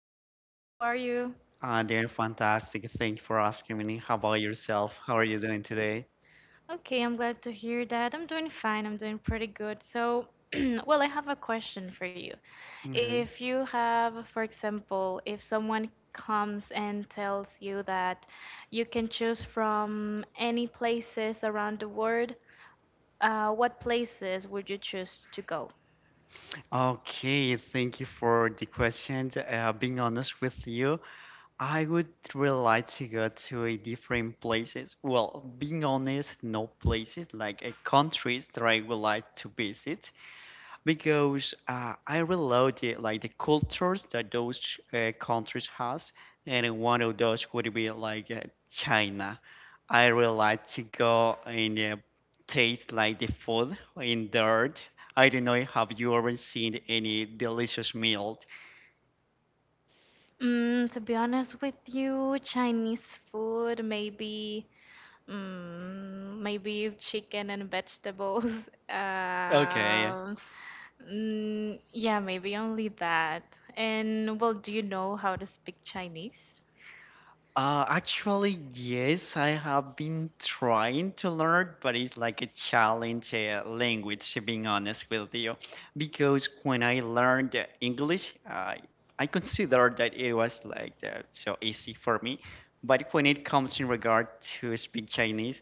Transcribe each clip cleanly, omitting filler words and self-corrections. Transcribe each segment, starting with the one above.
Jose. How are you? They're fantastic. Thank you for asking me. How about yourself? How are you doing today? Okay, I'm glad to hear that. I'm doing fine. I'm doing pretty good. So, well, I have a question for you. Okay. If you have, for example, if someone comes and tells you that you can choose from any places around the world, what places would you choose to go? Okay, thank you for the question. Being honest with you, I would really like to go to a different places. Well, being honest, no places like a countries that I would like to visit. Because I really love the like the cultures that those countries has, and one of those would be like China. I really like to go and taste like the food in there. I don't know, have you ever seen any delicious meal? To be honest with you, Chinese food, maybe maybe chicken and vegetables. Okay. Um, yeah, maybe only that. And, well, do you know how to speak Chinese? Actually, yes, I have been trying to learn, but it's like a challenge language, to being honest with you. Because when I learned English, I considered that it was like so easy for me. But when it comes in regard to speak Chinese,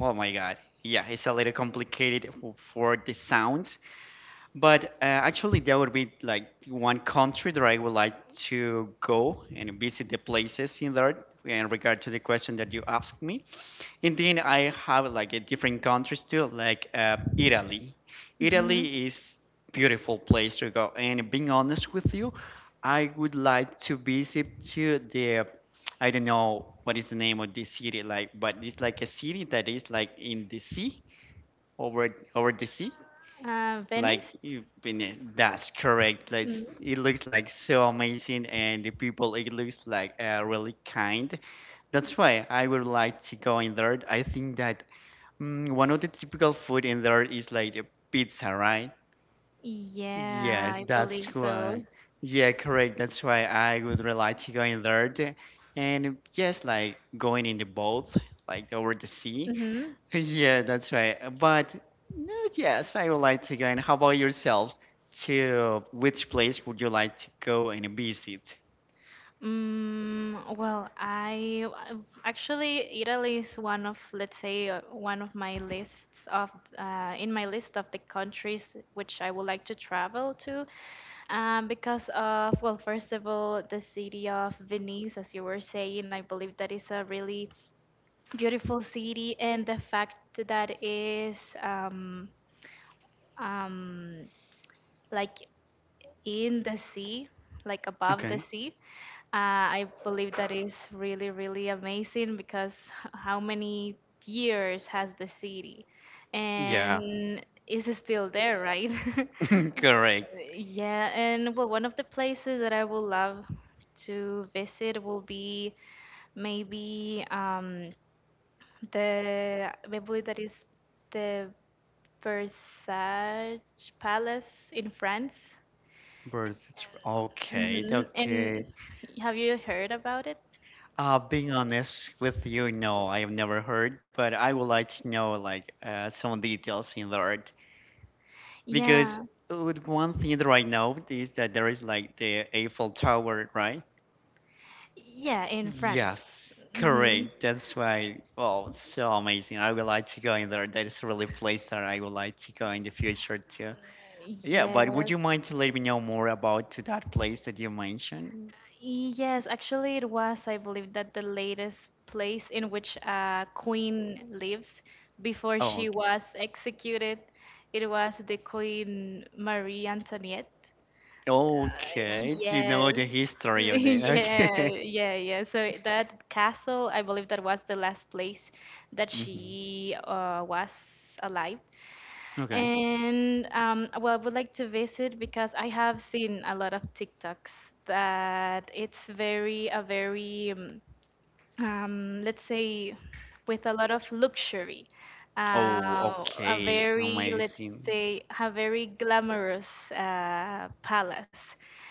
oh my God, yeah, it's a little complicated for the sounds but actually, there would be like one country that I would like to go and visit the places in there in regard to the question that you asked me. And then I have like a different countries too, like Italy. hmm Italy is beautiful place to go. And being honest with you, I would like to visit to the I don't know what is the name of this city like, but it's like a city that is like in the sea over over the sea like Venice? That's correct. Like Mm, it looks like so amazing, and the people it looks like really kind. That's why I would like to go in there. I think that one of the typical food in there is like the pizza, right? yeah, Yes, I that's believe so. why. Yeah, correct. That's why I would really like to go in there, and yes, like going in the boat, like over the sea. Mm-hmm. Yeah, that's right. But no, yes, I would like to go. And how about yourselves? To which place would you like to go and visit? Well, I actually Italy is one of, let's say, one of my lists of, in my list of the countries which I would like to travel to, because of, well, first of all, the city of Venice, as you were saying, I believe that is a really beautiful city, and the fact that is um, like in the sea, like above the Okay. sea. I believe that is really, really amazing because how many years has the city? Yeah, And is it still there, right? correct. Yeah, and, well, one of the places that I would love to visit will be maybe the I believe that is the Versailles Palace in France. Birth. Okay, And okay. have you heard about it? Being honest with you, no, I have never heard, but I would like to know like some details in that Yes, because yeah. One thing that I know is that there is like the Eiffel Tower, right? Yeah, in France. Yes, hmm correct. That's why. Wow, it's so amazing. I would like to go in there. That is really a really place that I would like to go in the future too. Yeah, but would Yes. you mind to let me know more about to that place that you mentioned? Yes, actually, it was, I believe, that the latest place in which a queen lives before Oh, she okay. was executed. It was the Queen Marie Antoinette. Uh, Okay, do you yes. know the history of it? Yeah, Okay. yeah, yeah. So that castle, I believe that was the last place that Hmm. she was alive. Okay. And well, I would like to visit because I have seen a lot of TikToks that it's very, a very let's say, with a lot of luxury, Oh, a okay. very, let's Amazing. say, a very glamorous palace.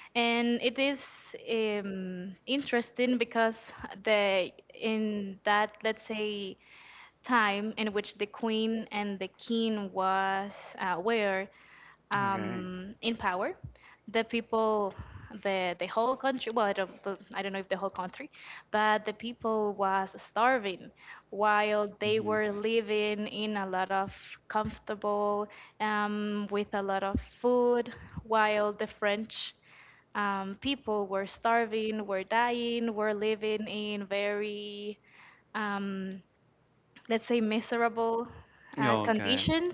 And it is interesting because the in that, let's say, time in which the queen and the king was were Okay. In power, the people, the whole country, well, I don't know if the whole country, but the people was starving while they Mhm. were living in a lot of comfortable, with a lot of food, while the French people were starving, were dying, were living in very um, let's say miserable Oh, okay. conditions.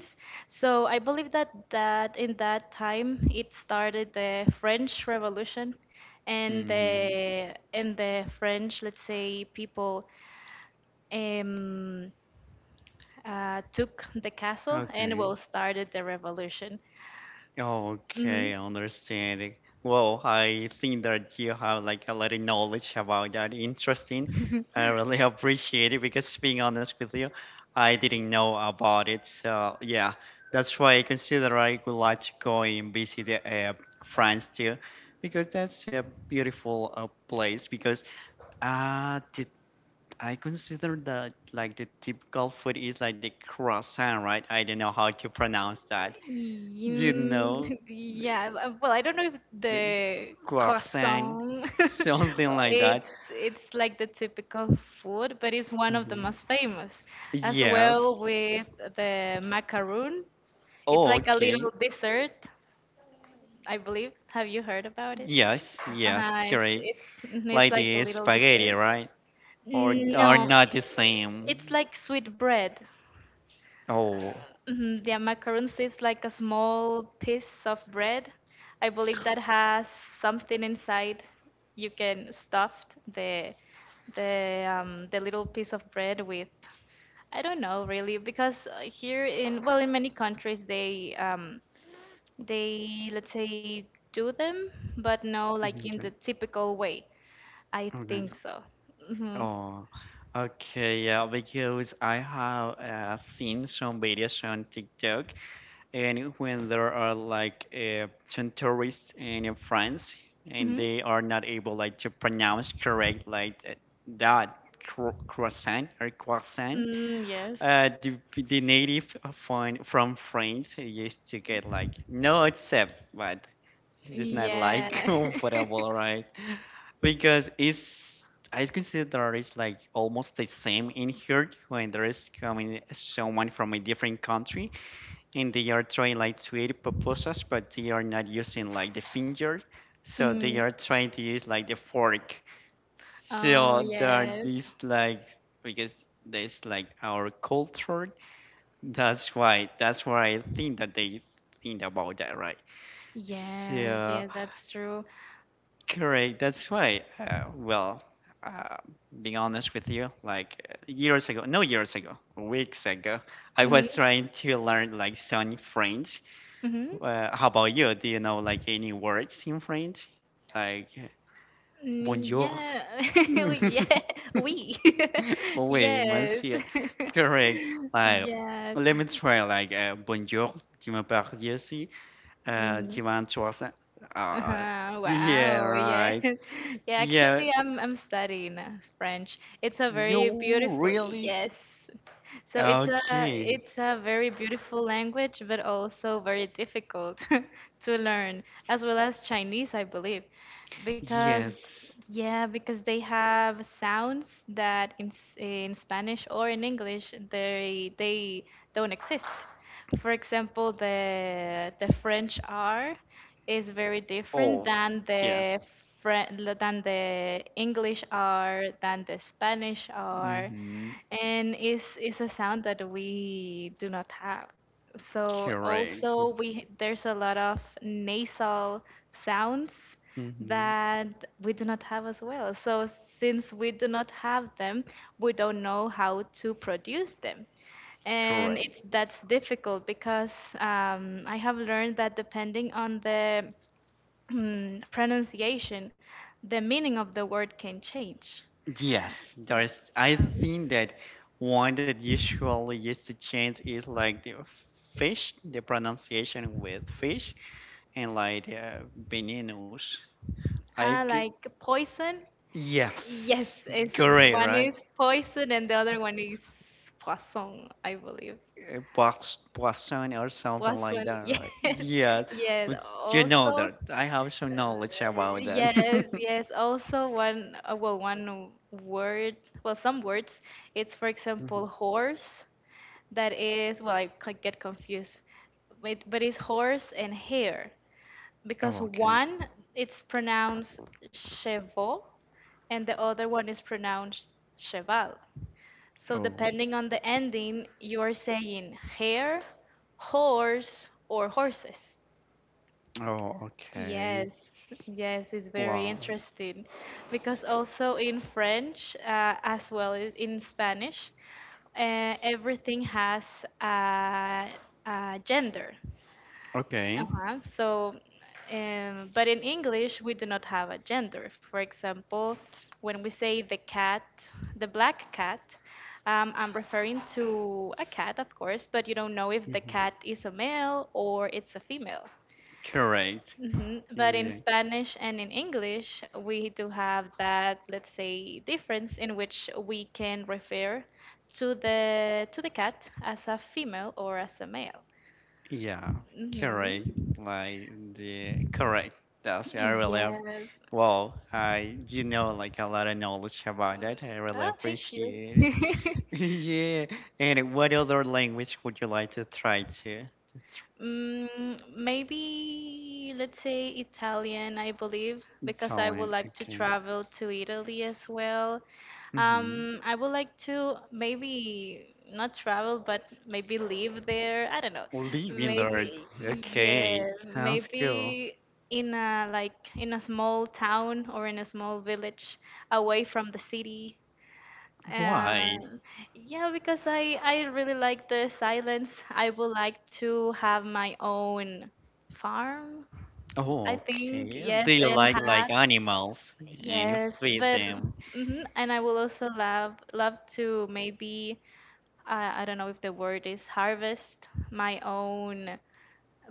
So I believe that in that time it started the French Revolution, and Mm-hmm. the French, let's say, people, um, took the castle and, Okay. well, started the revolution. Okay, understanding. Well, I think that you have like a lot of knowledge about that. Interesting. I really appreciate it because being honest with you, I didn't know about it. So yeah, that's why I consider I would like to go and visit France too, because that's a beautiful place. Because the I consider that like the typical food is like the croissant, right? I don't know how to pronounce that. Do you Mm, know the, yeah, well, I don't know if the the croissant, croissant, something like that? it's like the typical food, but it's one of the Mhm. most famous. As well Yes. with the macaroon, it's Oh, like a okay. little dessert, I believe. Have you heard about it? Yes, yes, Uh-huh, correct. It's Like like a the little spaghetti, dessert. right? Or are No, not the it's same? like sweet bread. Oh, Mhm. The macaroons is like a small piece of bread. I believe that has something inside. You can stuff the the little piece of bread with, I don't know really, because here in, well, in many countries they, they, let's say, do them, but no, like in okay, the typical way. I okay. think so. Hmm. Oh, okay, yeah, because I have seen some videos on TikTok, and when there are like some tourists in France, and Hmm. they are not able like to pronounce correct like that croissant or croissant, Mm, yes. uh, the, the native from France used to get like no accept, but it's not like Yeah. comfortable, right? Because it's I consider it's like almost the same in here when there is coming someone from a different country and they are trying like to eat pupusas, but they are not using like the finger, so they Mm. are trying to use like the fork. Oh, So there are yes. these like because that's like our culture. That's why I think that they think about that, right? Yes, So. yes, that's true. Correct. That's right. Well, uh, being honest with you, like years ago, no years ago, weeks ago, I Mm-hmm. was trying to learn like some French. Mm-hmm. How about you? Do you know like any words in French? Like Mm, bonjour. yeah, we, yeah, we, Oui, yes, monsieur. Correct. Like, yes. let me try like bonjour. Tu me parles ici? Mm. Tu vas en trois cents? Uh, Uh-huh, yeah, wow, yes. right. Yeah, Yeah. actually, I'm studying French. It's a very No, beautiful, really? yes, so it's a Okay. it's a very beautiful language, but also very difficult to learn, as well as Chinese, I believe, because, Yes. yeah, because they have sounds that in in Spanish or in English they don't exist. For example, the French R is very different Oh, than yes. Fre- than the English R, than the Spanish R, Mm-hmm. and it's a sound that we do not have. So Correct. also we there's a lot of nasal sounds Mm-hmm. that we do not have as well. So since we do not have them, we don't know how to produce them. And Correct. it's that's difficult because I have learned that depending on the pronunciation, the meaning of the word can change. Yes, there is. I think that one that usually used to change is like the fish, the pronunciation with fish, and like the venenos. I Ah, could. like poison? Yes, Yes, it's the correct, one right? is poison and the other one is poisson, I believe. A box poison or something like Poisson, that, right? yes, Yeah, yes. but you know Also, that I have some knowledge about yes, that. yes. Also, one, well, one word, well, some words. It's, for Mhm. example, horse. That is, well, I get confused. But it's horse and hare because Oh, okay. one it's pronounced chevo and the other one is pronounced cheval. So Oh, depending on the ending, you're saying hair, horse, or horses. oh, okay. Yes, yes, it's very Wow. interesting because also in French, as well as in Spanish, everything has a gender. Okay. Uh-huh. So, but in English, we do not have a gender. For example, when we say the cat, the black cat, I'm referring to a cat, of course, but you don't know if the Mhm. cat is a male or it's a female. Correct. Hmm. But in Yeah. Spanish and in English, we do have that, let's say, difference in which we can refer to the cat as a female or as a male. Yeah. Correct. Hmm. Like the correct. That's I really Yes. wow. I like a lot of knowledge about that. I really Oh, thank you. appreciate it. Yeah. And what other language would you like to try to? Mm, maybe let's say Italian, I believe, because I Italian. would like to Okay. travel to Italy as well. Mm-hmm. I would like to maybe not travel, but maybe live there. I don't know. Living there. Maybe, Okay. yeah, Sounds cool. maybe in a like in a small town or in a small village away from the city. Why? Uh, yeah, because I really like the silence. I would like to have my own farm. I think Okay. Do yes, you and like have, animals and you yes, feed but, them? hmm, and I will also love to maybe, I don't know if the word is harvest, my own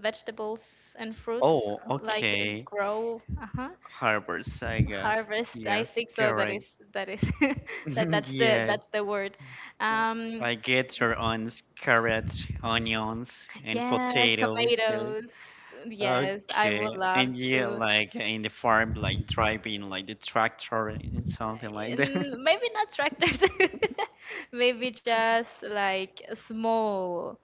vegetables and fruits, Oh, like okay. grow. Uh-huh, Harbor Sagas. harvest, I Yes, think so, that correct. is, that is Yeah. that's the word, um I get your own carrots, onions, and yeah, potatoes. Those. tomatoes, yes, I Okay. would love And yeah, to. like in the farm, like driving like the tractor and something like that. Mm, maybe not tractors. Maybe just like small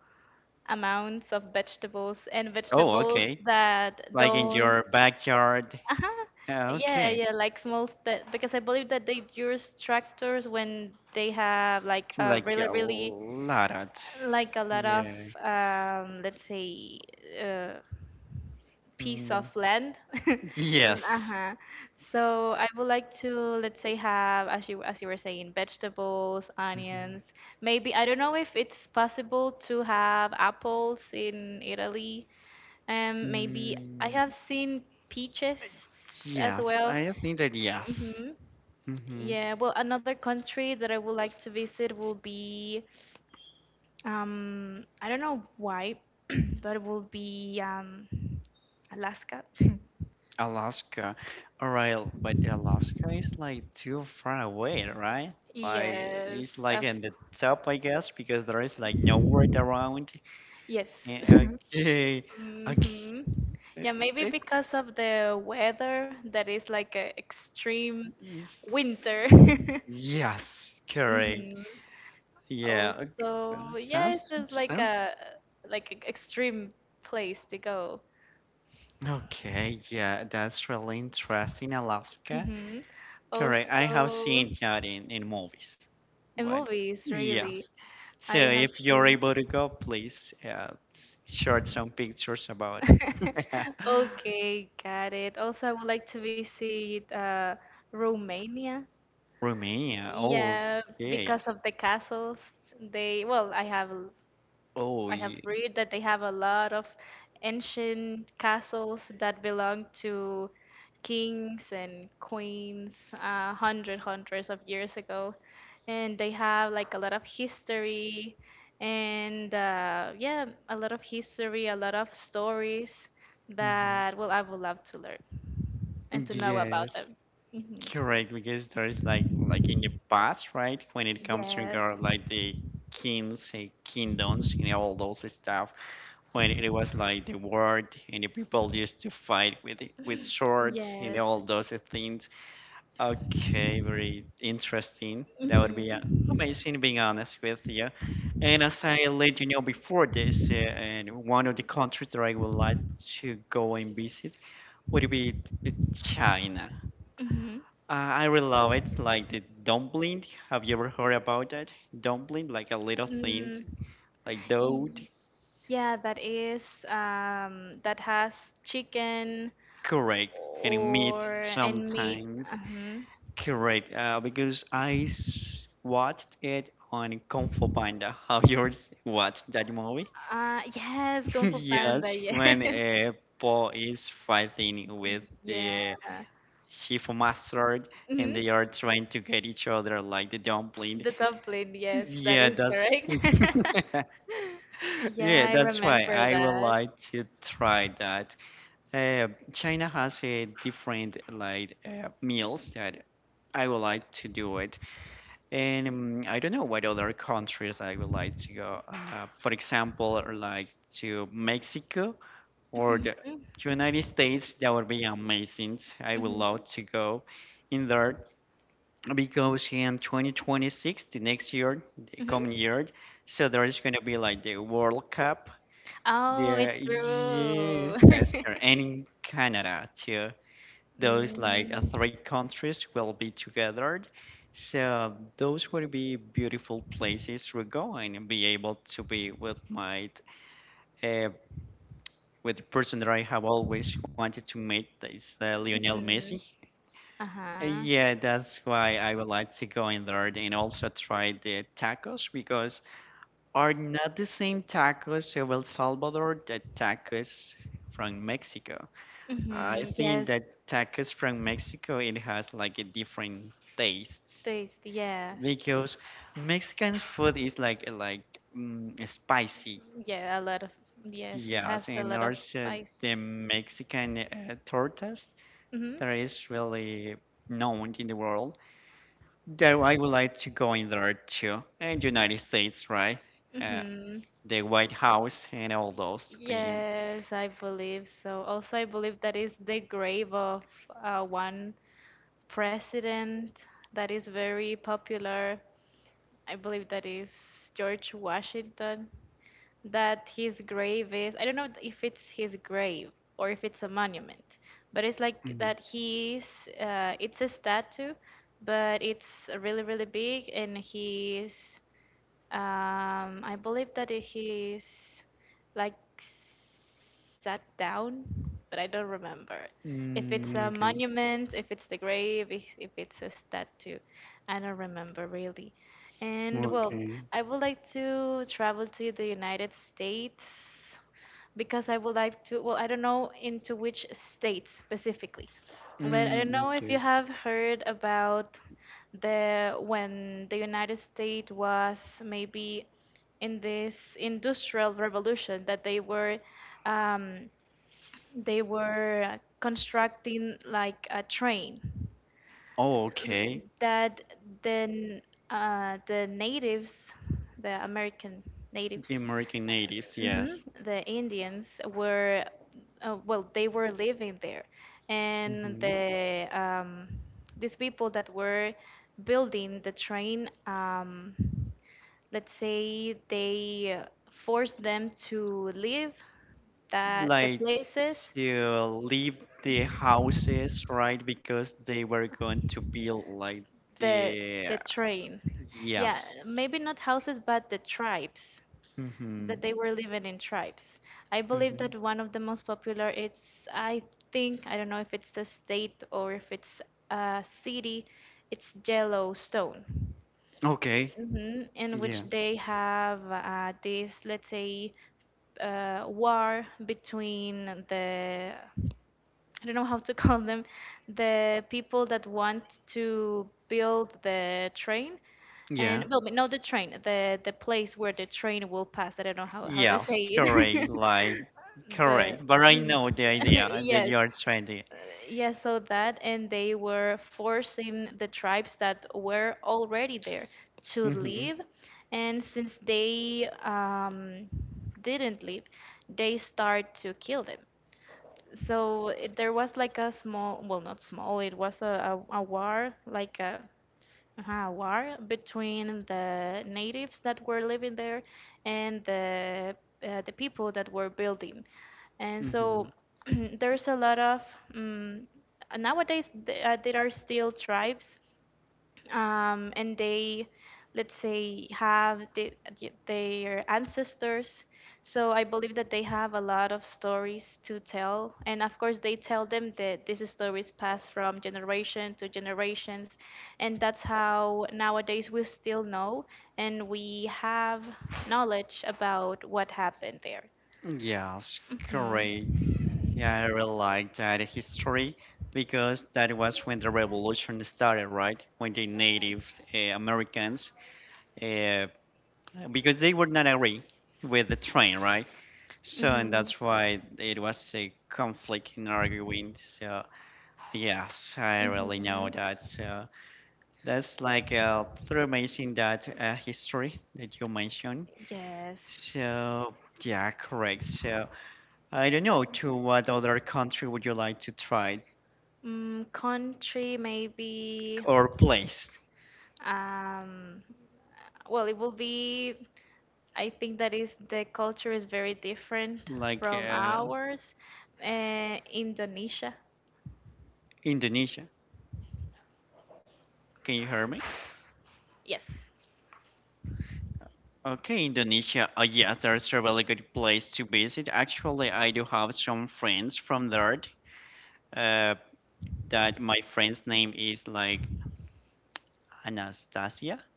amounts of vegetables, and Oh, vegetables okay. that Like in don't. your backyard. Uh-huh. Yeah, Yeah, okay. yeah, like small because I believe that they use tractors when they have like a Like really, a really, lot like a lot of, yeah. Let's say, uh, piece of Mm, land. Yeah. Mm. yes. Uh-huh. So I would like to, let's say, have, as you were saying, vegetables, Mhm. onions. Maybe I don't know if it's possible to have apples in Italy. Maybe I Mm, have seen peaches as yes, well. I think that yes. Mm-hmm. hmm Yeah, well, another country that I would like to visit will be, I don't know why, but it will be Alaska. Alaska. All right, but Alaska is like too far away, right? Like Yes, it's like of in the top, I guess, because there is like no world around. yes. Eh, Okay, okay. Hmm. It, Yeah, maybe it's because of the weather that is like a extreme it's- winter. yes, correct. Hmm. Yeah, Also, yeah, it's sounds just like a sounds like a extreme place to go. okay. Yeah, that's really interesting, Alaska. Hmm. Correct. I have Also, seen that in movies, in but movies, yes. really, So I have if you're able to go, please share seen. some pictures about it. Okay, got it. Also, I would like to visit Romania. Romania. Oh, Yeah, okay. because of the castles. They, well, I have Oh, I have yeah. read that they have a lot of ancient castles that belong to kings and queens hundreds of years ago, and they have like a lot of history and, yeah, a lot of history, a lot of stories Mhm. that, well, I would love to learn and to know about Yes. them. Hmm. Correct, because there's like in the past, right? When it comes to Yes. regard like the kings, kingdoms, and all those stuff, when it was like the world and the people used to fight with swords and Yes. all those things. Okay, very interesting. That would be hmm amazing, being honest with you. And as I let you know before this, and one of the countries that I would like to go and visit would be China. hmm I really love it, like the dumpling. Have you ever heard about that? Dumpling, like a little thing, Mm, like dough. y- yeah, that is, that has chicken Correct. And meat or and meat. sometimes. Uh-huh. Correct. Because I watched it on Kung Fu Panda. Have you ever watched that movie? Yes, Kung Fu Panda. Yes, Yes, when Paul is fighting with yeah. the chief master and Mm-hmm. they are trying to get each other like the dumpling. The dumpling, yes, that Yeah, is that's correct. Yeah, yeah, I that's why remember I would that. like to try that. China has a different like meals that I would like to do it, and I don't know what other countries I would like to go. For example, or like to Mexico or the Mhm, United States, that would be amazing. I would mhm, love to go in there because in 2026, the next year, the mhm. coming year, so there is going to be like the World Cup, Oh, yeah, it's true. yes, that's correct. And in Canada too, those like Mm, three countries will be together. So those would be beautiful places to go and be able to be with my uh, with the person that I have always wanted to meet, that is Lionel mhm. Messi. Uh-huh. Yeah, that's why I would like to go in there and also try the tacos because are not the same tacos of El Salvador the tacos from Mexico. I Hmm. think Yes, that tacos from Mexico it has like a different taste taste. Yes. because Mexican food is spicy, Yeah, a lot of. Yes, it yes, has a and lot of also spice. the Mexican tortas Hmm. that is really known in the world. That I would like to go in there too, and United States, right? Uh, Hmm. the White House and all those things. Yes, I believe so. Also, I believe that is the grave of one president that is very popular, I believe that is George Washington, that his grave is, I don't know if it's his grave or if it's a monument, but it's like Mm, that it's a statue, but it's really, really big, and he's, I believe that he's like sat down, but I don't remember. If it's mm, a okay, monument, if it's the grave, if it's a statue, I don't remember really. And well, okay. I would like to travel to the United States because I would like to, well, I don't know into which state specifically, but I don't Mm, know if okay. you have heard about the when the United States was maybe in this industrial revolution that um, they were constructing like a train Oh, l- okay. that then uh, the natives, the American natives, The American natives, hmm yes. the Indians were, well, they were living there, and hmm these people that were building the train, let's say they forced them to leave that the Like places to leave the houses, right? Because they were going to build like the the the. train, yeah, Yes. maybe not houses, but the tribes Mm-hmm. that they were living in. Tribes, I believe Mm-hmm. that one of the most popular, it's, I think, I don't know if it's the state or if it's a city, it's Yellowstone, Okay. In which Yeah. they have this, let's say, war between the, I don't know how to call them, the people that want to build the train and, Yeah. well, no, the train, the place where the train will pass. I don't know how to Yes. say it. Correct. Like The correct. But I know the idea that yes. you are trying to. Uh, Yeah, so that, and they were forcing the tribes that were already there to Mm-hmm. leave. And since they didn't leave, they start to kill them. So there was like a small, well, not small, it was a war, like a war between the natives that were living there and the people that were building. And so Mm-hmm. there's a lot of um, nowadays there are still tribes, and they, let's say, have the, their ancestors, so I believe that they have a lot of stories to tell, and of course they tell them, that these stories pass from generation to generations, and that's how nowadays we still know and we have knowledge about what happened there. Yes, Mhm. correct. Yeah, I really like that history because that was when the revolution started, right? When the Native Americans, uh, because they were not agree with the train, right? So, and Mhm. that's why it was a conflict in arguing. So, yes, I really Mhm. know that. So, that's like pretty amazing that history that you mentioned. Yes. So, yeah, correct. So. I don't know. To what other country would you like to try Mm, country maybe. or place? Um. Well, it will be, I think that is, the culture is very different Like from ours. Indonesia. Indonesia. Can you hear me? Yes. Okay, Indonesia. Yes, there's a really good place to visit. Actually, I do have some friends from there. Uh, that my friend's name is like Anastasia.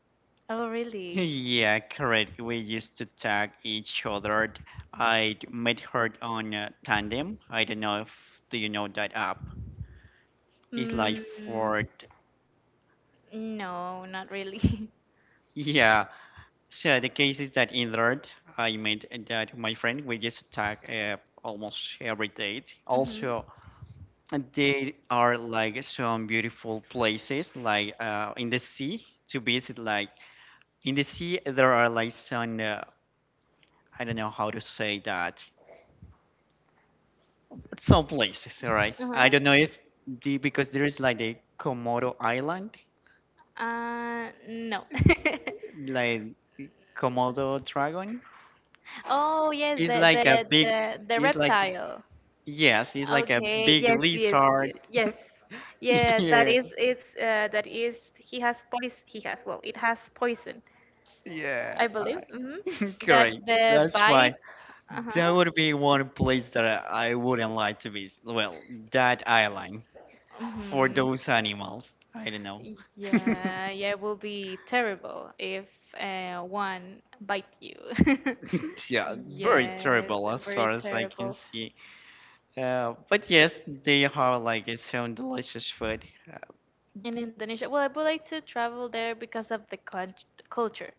Oh, really? Yeah, correct. We used to tag each other. I met her on Tandem. I don't know if do you know that app. It's like Mm, for no, not really. yeah. So the case is that in Lord, I made that my friend we just talk almost every day. hmm Also, there are like some beautiful places like in the sea to visit. Like in the sea, there are like some I don't know how to say that, but some places, all right. Uh-huh. I don't know if the because there is like the Komodo Island, No. like Komodo dragon. Oh, yes, It's the like a the big. the the It's like. reptile. Yes, he's like a Okay, big yes, yes, y- lizard. yes. Yeah, that Yeah, is, it's, that is, he has poison, he has, well, it has poison, I yeah. believe. Hmm That Great. the That's why bite, that uh-huh. would be one place that I wouldn't like to visit. Well, that island for hmm those animals. I don't know. Yeah, yeah, it will be terrible if one bite you. Yeah, very Yes, terrible as very far as I can terrible. see. But yes, they have like some delicious food. Uh, In Indonesia, well, I would like to travel there because of the con culture.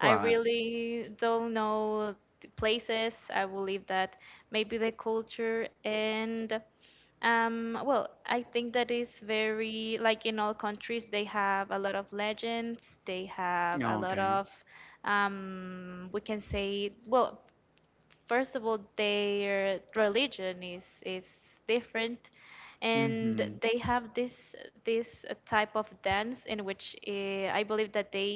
I really don't know the places. I believe that maybe the culture and, well, I think that is, very like in all countries, they have a lot of legends. They have a lot Okay. of we can say, well, first of all, their religion is different, and Mm-hmm. they have this type of dance in which, I believe that they,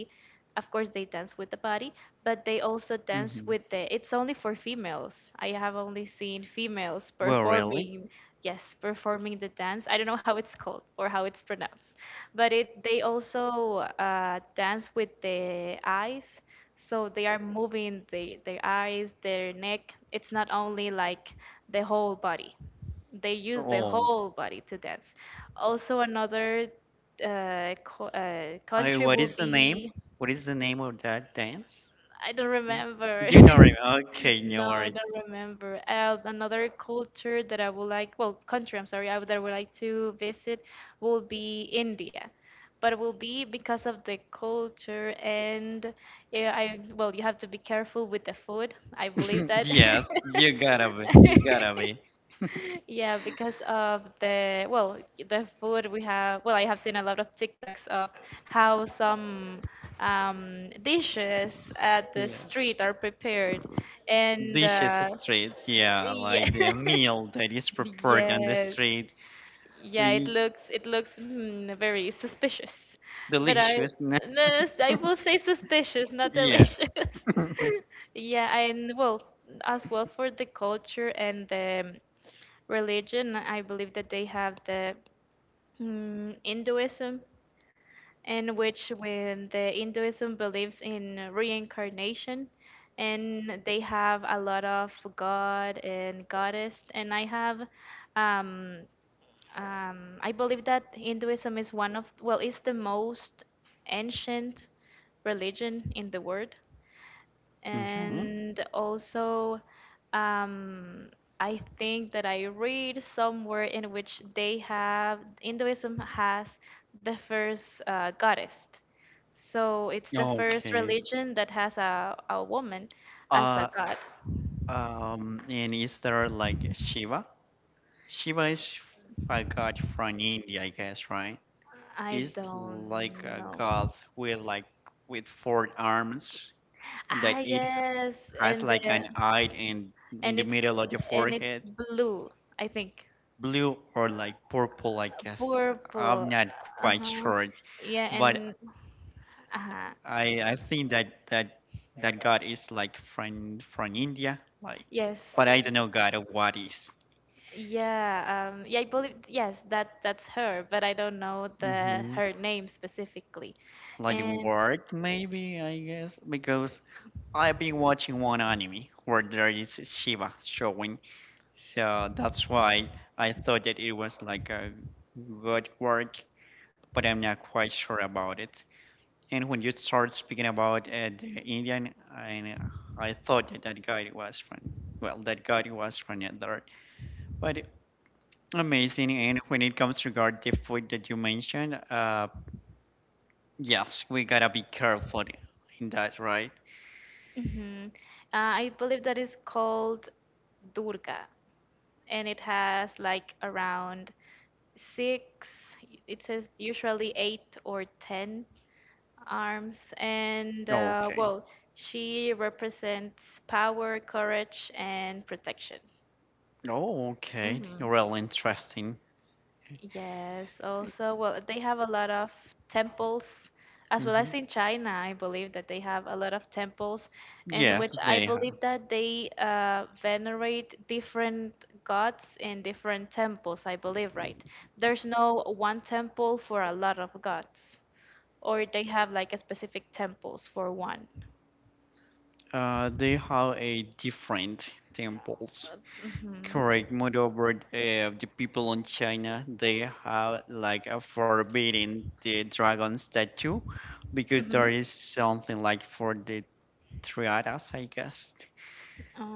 of course, they dance with the body, but they also dance hmm with the, it's only for females, I have only seen females Well, really? performing, yes, performing the dance. I don't know how it's called or how it's pronounced, but it, they also dance with the eyes. So they are moving the, their eyes, their neck. It's not only like the whole body. They use the Oh, whole body to dance. Also, another I. country What will is the name? be, What is the name of that dance? I don't Hmm? remember. You don't remember? Okay, no No, I worries. don't remember. Another culture that I would like, well, country, I'm sorry, I would, that I would like to visit will be India. But it will be because of the culture and, yeah, I, well, you have to be careful with the food. I believe that. Yes, you gotta be. You gotta be. Yeah, because of the, well, the food we have, well, I have seen a lot of TikToks of how some dishes at the Yeah. street are prepared. And Dishes street, yeah, yeah, like the meal that is prepared on the yes. street. Yeah, it We looks, it looks, mm, very suspicious. But I, delicious. no, no, I will say suspicious, not Yeah. delicious. Yeah, and well, as well for the culture and the religion, I believe that they have the, mm, Hinduism, in which when the Hinduism believes in reincarnation, and they have a lot of god and goddess, and I have um, I believe that Hinduism is one of, well, it's the most ancient religion in the world. Okay. And also, um, I think that I read somewhere in which they have, Hinduism has the first goddess. So it's the first Okay. religion that has a woman as Uh, a god. and is there like Shiva? Shiva is a god from India, I guess, right? I Is don't like a know. god with like with four arms, and Ah, that it yes, has and like an the eye in and the it's middle of the and it's forehead, blue, I think. blue or like purple, I guess. I'm Purple. not quite Uh-huh. sure, Yeah, but and uh-huh. I think that that god is like from India, like, Yes. but I don't know god of what is. Yeah, I believe, yes, that that's her, but I don't know the hmm her name specifically. like the And word, maybe, I guess, because I've been watching one anime where there is Shiva showing. So that's why I thought that it was like a good work, but I'm not quite sure about it. And when you start speaking about the Indian, I thought that that guy was from, well, that guy was from Netherlands. But amazing. And when it comes to regard the food that you mentioned, yes, we gotta be careful in that, right? mhm, I believe that is called Durga. And it has like around six, it says usually eight or ten arms. And Okay. well, she represents power, courage, and protection. Oh, okay. Hmm Real interesting. Yes, also, well, they have a lot of temples, as well Hmm. as in China. I believe that they have a lot of temples in, yeah, Yes, which I, yeah, they have. believe that they venerate different gods in different temples, I believe, right? There's no one temple for a lot of gods, or they have like a specific temples for one. They have a different temples. Mm-hmm. Correct. Moreover, the people in China they have like a forbidden the dragon statue because Mm-hmm. there is something like for the triadas, I guess.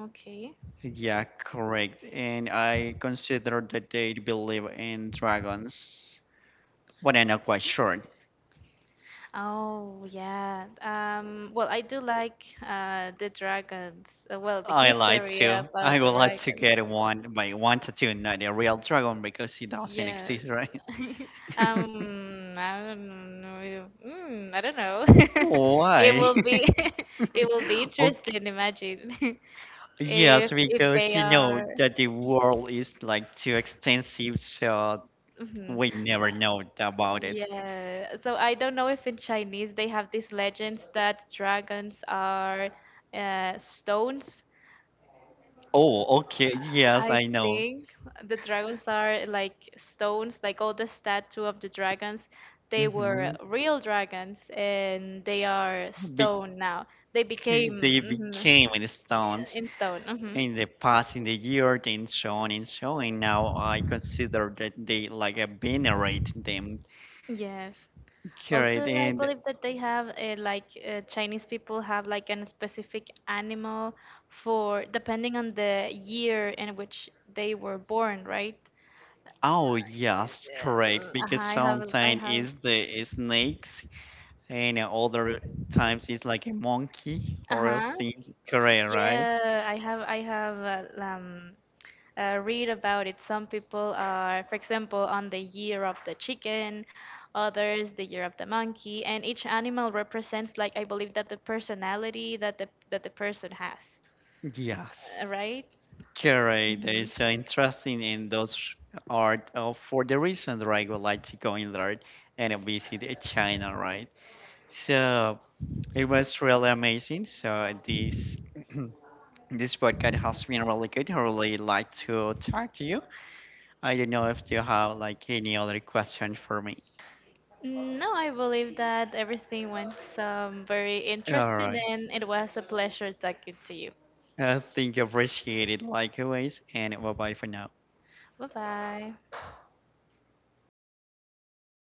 Okay. Yeah, correct. And I consider that they believe in dragons, but I'm not quite sure. Oh, yeah. Well, I do like the dragons. Well, the I lied history to. I about the would like to dragons. get one, but I wanted to not a real dragon because it doesn't Yeah. exist, right? I don't know. Mm, I don't know. It Why? will be, it will be Okay. interesting. Imagine Yes, if because they you know are. that the world is like too extensive, so Hmm we never know about it. Yeah, so I don't know if in Chinese they have these legends that dragons are stones. Oh, okay. Yes, I I know. think the dragons are like stones, like all the statue of the dragons. They Mm-hmm. were real dragons and they are Bec- stone now. They became, they became mhm, stones in stone. Mhm. in the past in the year and so on and so on. Now I consider that they like venerate them. Yes. Also, Correct, I and believe that they have like Chinese people have like an specific animal for depending on the year in which they were born, right? oh yes, correct, Uh-huh, because I sometimes have, it's the snakes and other times it's like a monkey uh or else huh. things, correct, right? Yeah, I have read about it. Some people are, for example, on the year of the chicken, others the year of the monkey, and each animal represents, like, I believe that the personality that the person has, Yes. right? Correct. That is so interesting, and those are for the reason that I would like to go in there and visit China, right? So it was really amazing. So this this podcast has been really good. I really like to talk to you. I don't know if you have like any other question for me. Mhm. No, I believe that everything went, very All interesting, right. and it was a pleasure talking to you. I think I appreciate it like always, and bye bye for now. Bye bye.